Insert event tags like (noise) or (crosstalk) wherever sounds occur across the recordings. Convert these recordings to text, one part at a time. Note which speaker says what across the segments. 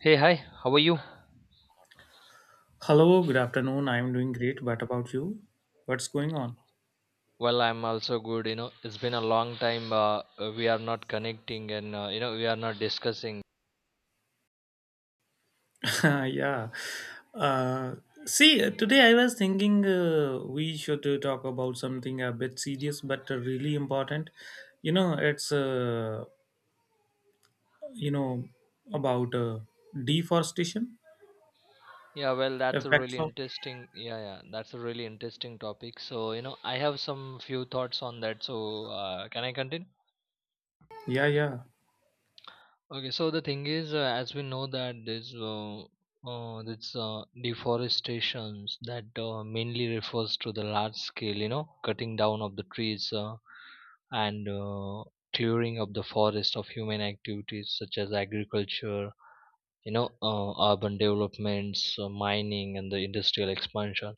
Speaker 1: Hey, hi, how are you?
Speaker 2: Hello, good afternoon. I'm doing great. What about you? What's going on?
Speaker 1: Well, I'm also good. It's been a long time, we are not connecting, and we are not discussing.
Speaker 2: (laughs) yeah. Uh, see, today I was thinking we should talk about something a bit serious but really important. You know, it's, you know, about Deforestation
Speaker 1: Yeah, well,
Speaker 2: effects of.
Speaker 1: that's a really interesting topic. So, I have some few thoughts on that. So, can I continue?
Speaker 2: Yeah, yeah.
Speaker 1: Okay, so the thing is, as we know that this deforestations that mainly refers to the large scale, cutting down of the trees. And Clearing of the forest of human activities such as agriculture, urban developments, mining, and the industrial expansion.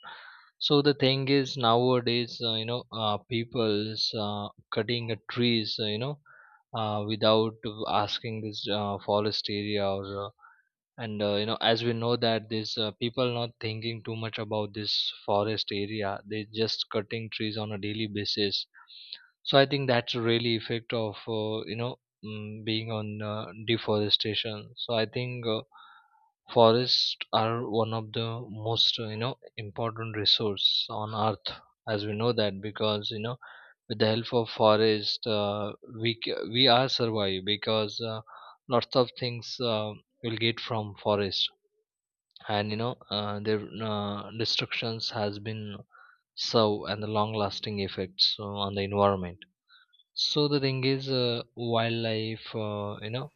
Speaker 1: So the thing is nowadays, people's cutting the trees, without asking this, forest area, or and you know as we know that these, people not thinking too much about this forest area, they just cutting trees on a daily basis. So I think that's really effect of, being on, deforestation. So I think, forests are one of the most, important resource on earth. As we know that, because with the help of forest, we are survive, because lots of things will get from forest. And you know their destructions has been serve, and the long lasting effects on the environment. So the thing is, wildlife,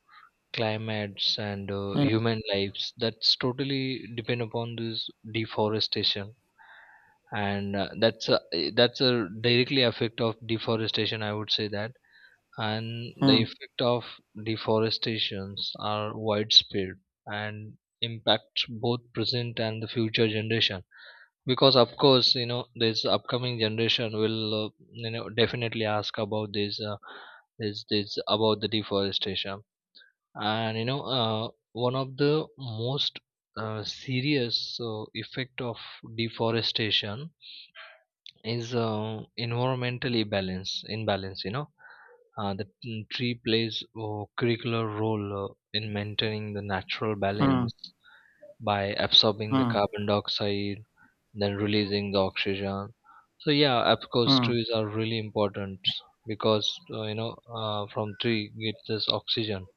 Speaker 1: climates, and
Speaker 2: Mm,
Speaker 1: human lives, that's totally depend upon this deforestation. And that's a, that's a directly effect of deforestation, I would say that. And the
Speaker 2: mm,
Speaker 1: effect of deforestations are widespread and impacts both present and the future generation. Because of course this upcoming generation will, definitely ask about this about the deforestation. And one of the most, serious, effect of deforestation is, environmental imbalance, tree plays a curricular role, in maintaining the natural
Speaker 2: mm,
Speaker 1: balance by absorbing the
Speaker 2: mm,
Speaker 1: carbon dioxide, then releasing the oxygen. So yeah, of course,
Speaker 2: mm,
Speaker 1: trees are really important, because from tree get this oxygen,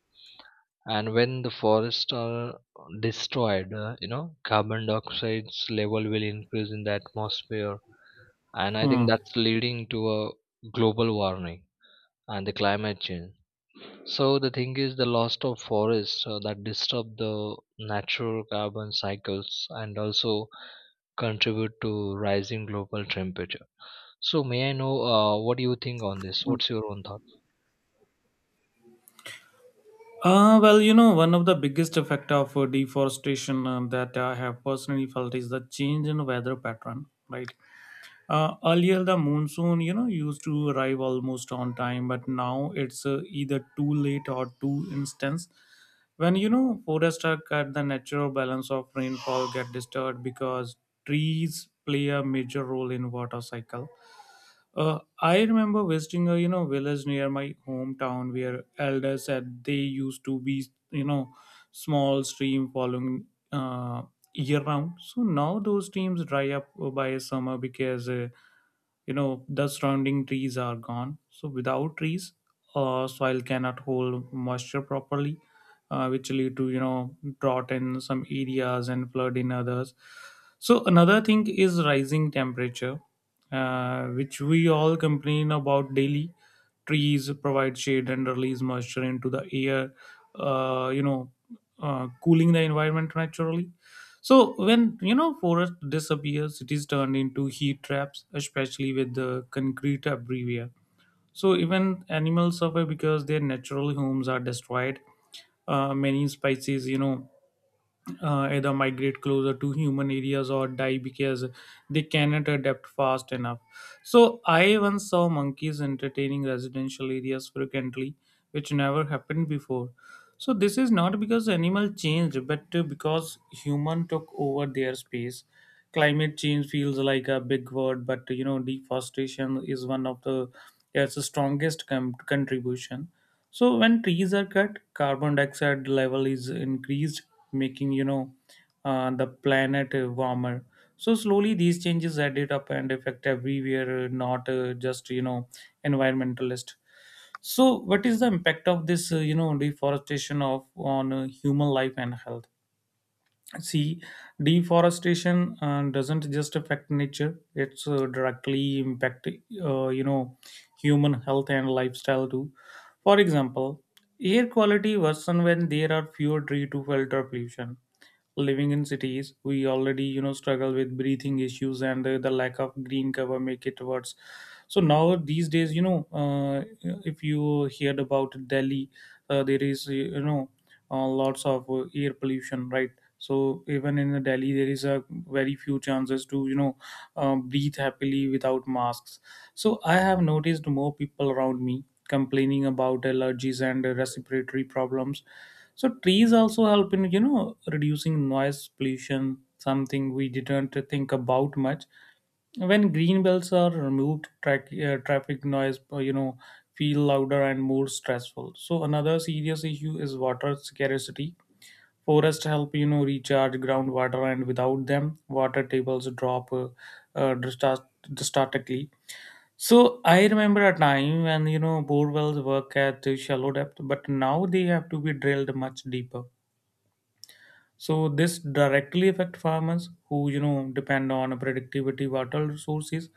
Speaker 1: and when the forests are destroyed, carbon dioxide's level will increase in the atmosphere, and I think
Speaker 2: mm.
Speaker 1: that's leading to a global warming and the climate change. So the thing is, the loss of forests, that disturb the natural carbon cycles, and also contribute to rising global temperature. So may I know, what do you think on this? What's your own thought?
Speaker 2: Well, one of the biggest effect of deforestation that I have personally felt is the change in weather pattern, right? Earlier, the monsoon, used to arrive almost on time, but now it's either too late or too instant. When forests are cut, the natural balance of rainfall get disturbed because trees play a major role in water cycle. I remember visiting a village near my hometown where elders said they used to be you know small stream following uh, year round. So now those streams dry up by summer because the surrounding trees are gone. So without trees, soil cannot hold moisture properly, which lead to drought in some areas and flood in others. So another thing is rising temperature, which we all complain about daily. Trees provide shade and release moisture into the air, uh, you know, cooling the environment naturally. So when forest disappears, cities turn into heat traps, especially with the concrete everywhere. So even animals suffer because their natural homes are destroyed. Many species, either migrate closer to human areas or die because they cannot adapt fast enough. So I once saw monkeys entertaining residential areas frequently, which never happened before. So this is not because animal changed, but because human took over their space. Climate change feels like a big word, but deforestation is one of the its strongest contribution. So when trees are cut, carbon dioxide level is increased, making the planet warmer. So slowly these changes added up and affect everywhere, not just environmentalist. So what is the impact of this deforestation of on human life and health? See, deforestation doesn't just affect nature; it's directly impact uh, you know human health and lifestyle too. For example, air quality worsen when there are fewer trees to filter pollution. Living in cities, we already struggle with breathing issues and the lack of green cover make it worse. So now these days, if you heard about Delhi, there is lots of air pollution, right? So even in the Delhi there is a very few chances to breathe happily without masks. So I have noticed more people around me complaining about allergies and respiratory problems. So trees also help in reducing noise pollution, something we didn't think about much. When green bells are removed traffic noise feel louder and more stressful. So another serious issue is water scarcity. Forests help recharge groundwater, and without them water tables drop uh, drastic- drastically. So I remember a time when bore wells work at a shallow depth, but now they have to be drilled much deeper. So this directly affect farmers who depend on productivity water resources.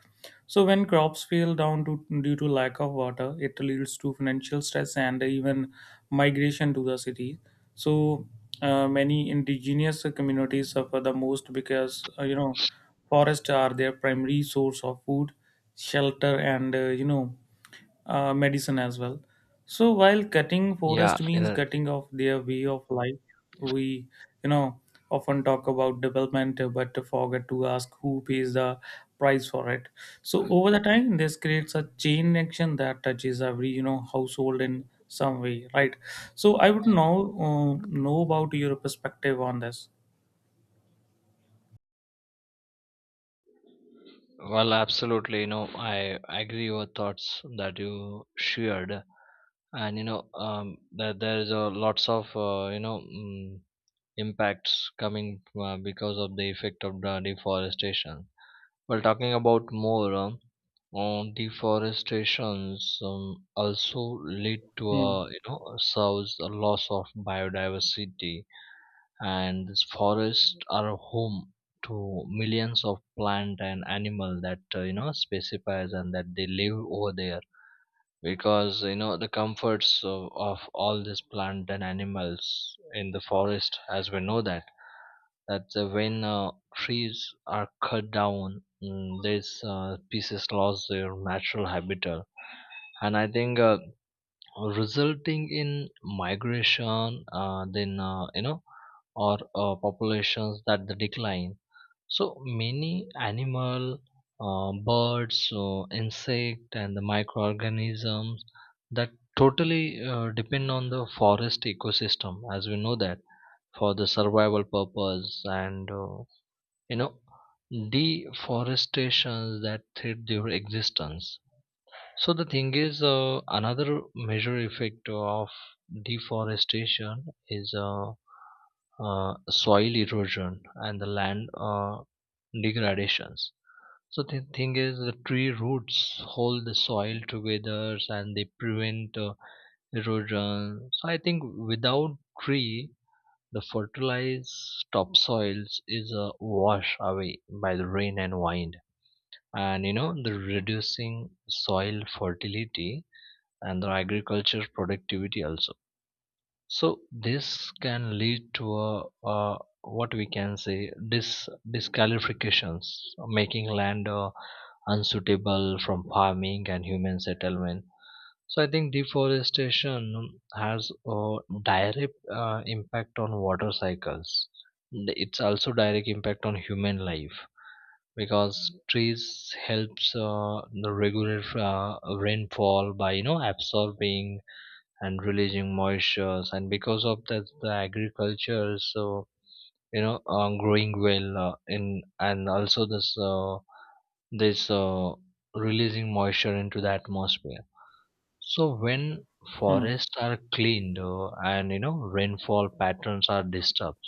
Speaker 2: So when crops fail due to lack of water, it leads to financial stress and even migration to the city. So many indigenous communities suffer the most because forests are their primary source of food, shelter, and medicine as well. So while cutting
Speaker 1: Yeah,
Speaker 2: forest
Speaker 1: you
Speaker 2: means
Speaker 1: know,
Speaker 2: cutting off their way of life, we you know often talk about development but forget to ask who pays the price for it. So over the time, this creates a chain action that touches every household in some way, right? So I would now know about your perspective on this.
Speaker 1: well, absolutely. You know, I agree your thoughts that you shared, and that there is a lots of, impacts coming, because of the effect of the deforestation. Well, talking about more, on deforestations, also lead to
Speaker 2: Hmm.
Speaker 1: a, serves a loss of biodiversity. And these forests are home to millions of plant and animal that, specifies, and that they live over there. Because the comforts of all these plant and animals in the forest, as we know that, that when trees are cut down, mm, these species lost their natural habitat, and I think, resulting in migration, then you know or populations that the decline. So many animal, birds, insect, and the microorganisms that totally depend on the forest ecosystem, as we know that, for the survival purpose, and, you know deforestation that threat their existence. So the thing is, another major effect of deforestation is, soil erosion and the land, degradations. So the thing is, the tree roots hold the soil together and they prevent, erosion. So I think without tree, the fertilized topsoils is, washed away by the rain and wind, and the reducing soil fertility and the agriculture productivity also. So this can lead to a, uh what we can say dis disqualifications, making land, unsuitable from farming and human settlement. So I think deforestation has a direct, impact on water cycles. It's also direct impact on human life, because trees helps regulate, rainfall by absorbing and releasing moistures, and because of that the agriculture is so, growing well, in and also this this releasing moisture into the atmosphere. So when
Speaker 2: Hmm.
Speaker 1: forests are cleaned, and you know rainfall patterns are disturbed,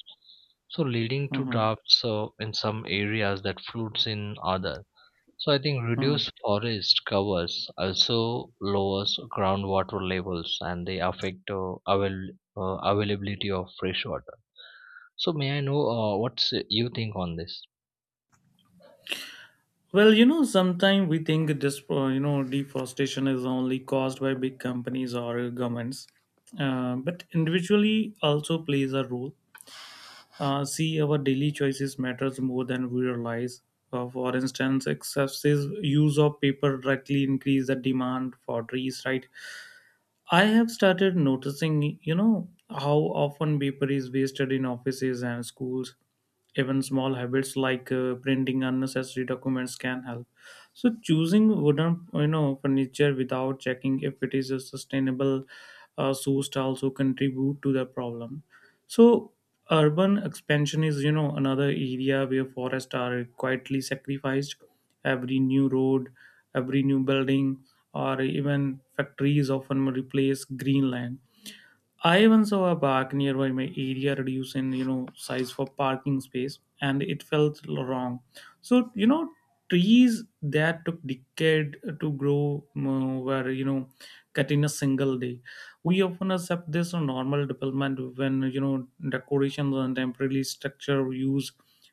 Speaker 1: so leading to
Speaker 2: Hmm.
Speaker 1: droughts, in some areas, that floods in others. So I think
Speaker 2: Hmm.
Speaker 1: reduced forest covers also lowers groundwater levels, and they affect, availability of fresh water. So may I know, what's you think on this?
Speaker 2: Well, sometimes we think this, deforestation is only caused by big companies or governments, but individually also plays a role. See, our daily choices matters more than we realize. For instance, excessive use of paper directly increase the demand for trees, right? I have started noticing, how often paper is wasted in offices and schools. Even small habits like printing unnecessary documents can help. So choosing wooden, furniture without checking if it is a sustainable sourced also contribute to the problem. So urban expansion is, another area where forests are quietly sacrificed. Every new road, every new building, or even factories often replace green land. I once saw a park nearby my area reduce in size for parking space, and it felt wrong. So trees that took decade to grow were cut in a single day. We often accept this on normal development when decorations and temporary structure use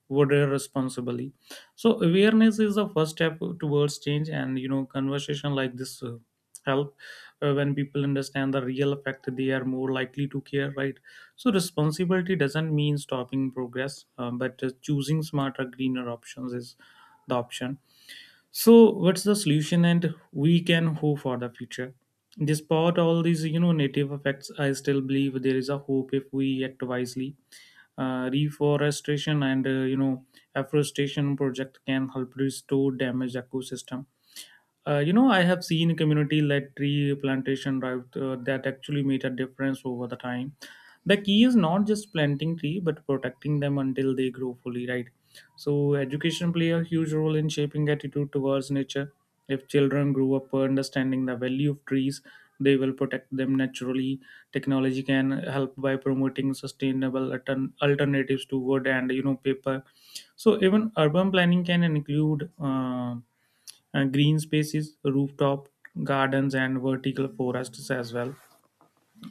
Speaker 2: were responsibly. So awareness is the first step towards change, and conversation like this help. When people understand the real effect, they are more likely to care, right? So responsibility doesn't mean stopping progress, but choosing smarter greener options is the option. So what's the solution and we can hope for the future? Despite all these native effects, I still believe there is a hope if we act wisely. Reforestation and afforestation project can help restore damaged ecosystem. I have seen community-led tree plantation drive that actually made a difference over the time. The key is not just planting tree, but protecting them until they grow fully, right? So education play a huge role in shaping attitude towards nature. If children grow up understanding the value of trees, they will protect them naturally. Technology can help by promoting sustainable alternatives to wood and paper. So even urban planning can include. Green spaces, rooftop gardens, and vertical forests as well.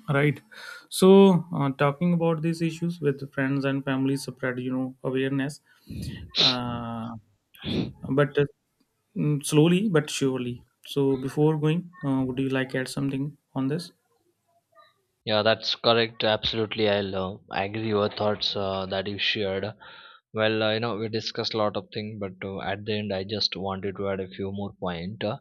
Speaker 2: Right. So, talking about these issues with friends and family spread, awareness. Uh, but uh, slowly but surely. So, before going, would you like to add something on this?
Speaker 1: Yeah, that's correct. Absolutely, I'll, agree your thoughts, that you shared. Well, we discussed a lot of things, but, at the end, I just wanted to add a few more point. Uh,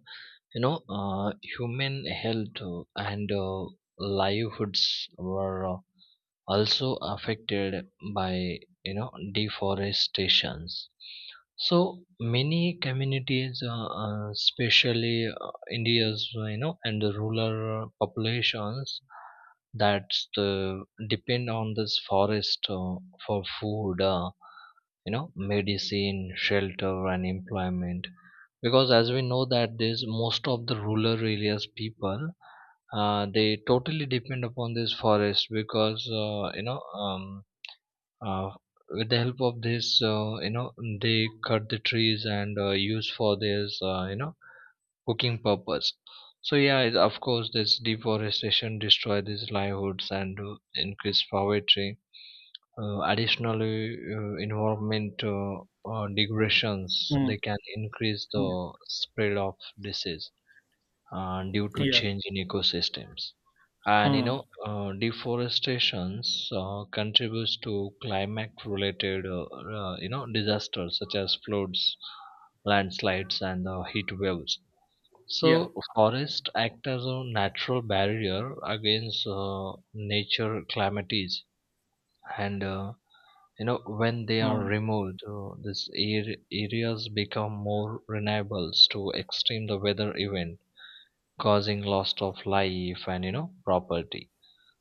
Speaker 1: you know, uh, Human health and livelihoods were, also affected by you know deforestations. So many communities, especially, uh, india's, and the rural populations, that depend on this forest, for food, medicine, shelter, and employment. Because as we know that this most of the rural areas people, they totally depend upon this forest, because uh, with the help of this, they cut the trees and, use for this, cooking purpose. So yeah, of course this deforestation destroy these livelihoods and, increase poverty. Additionally, environmental, degradations
Speaker 2: Mm,
Speaker 1: they can increase the
Speaker 2: mm,
Speaker 1: spread of disease, due to
Speaker 2: yeah.
Speaker 1: change in ecosystems. And you
Speaker 2: Mm,
Speaker 1: know, deforestations, contributes to climate-related, disasters such as floods, landslides, and, heat waves.
Speaker 2: yeah.
Speaker 1: So, forest act as a natural barrier against, nature calamities, and, when they are
Speaker 2: Mm,
Speaker 1: removed, areas become more vulnerable to extreme the weather event, causing loss of life and property.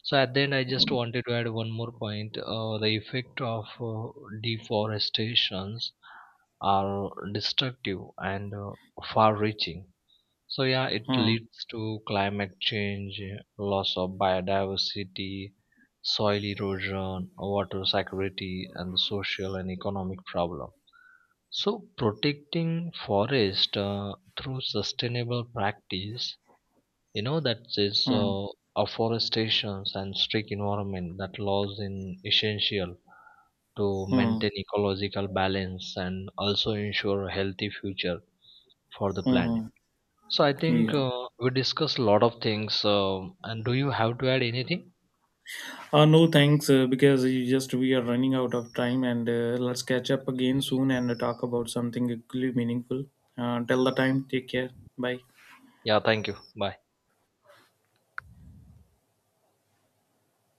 Speaker 1: So at the end I just
Speaker 2: mm,
Speaker 1: wanted to add one more point, the effect of, uh, deforestations are destructive, and, far reaching. So yeah, it
Speaker 2: mm,
Speaker 1: leads to climate change, loss of biodiversity, soil erosion, water scarcity, and social and economic problem. So protecting forest, through sustainable practice, that is,
Speaker 2: mm,
Speaker 1: afforestation and strict environment that laws in essential to
Speaker 2: mm,
Speaker 1: maintain ecological balance, and also ensure a healthy future for the planet.
Speaker 2: mm,
Speaker 1: So I think,
Speaker 2: yeah.
Speaker 1: we discussed a lot of things. And do you have to add anything?
Speaker 2: No thanks, because you just we are running out of time, and let's catch up again soon and talk about something equally meaningful. Till the time, take care. Bye.
Speaker 1: Yeah, thank you. Bye.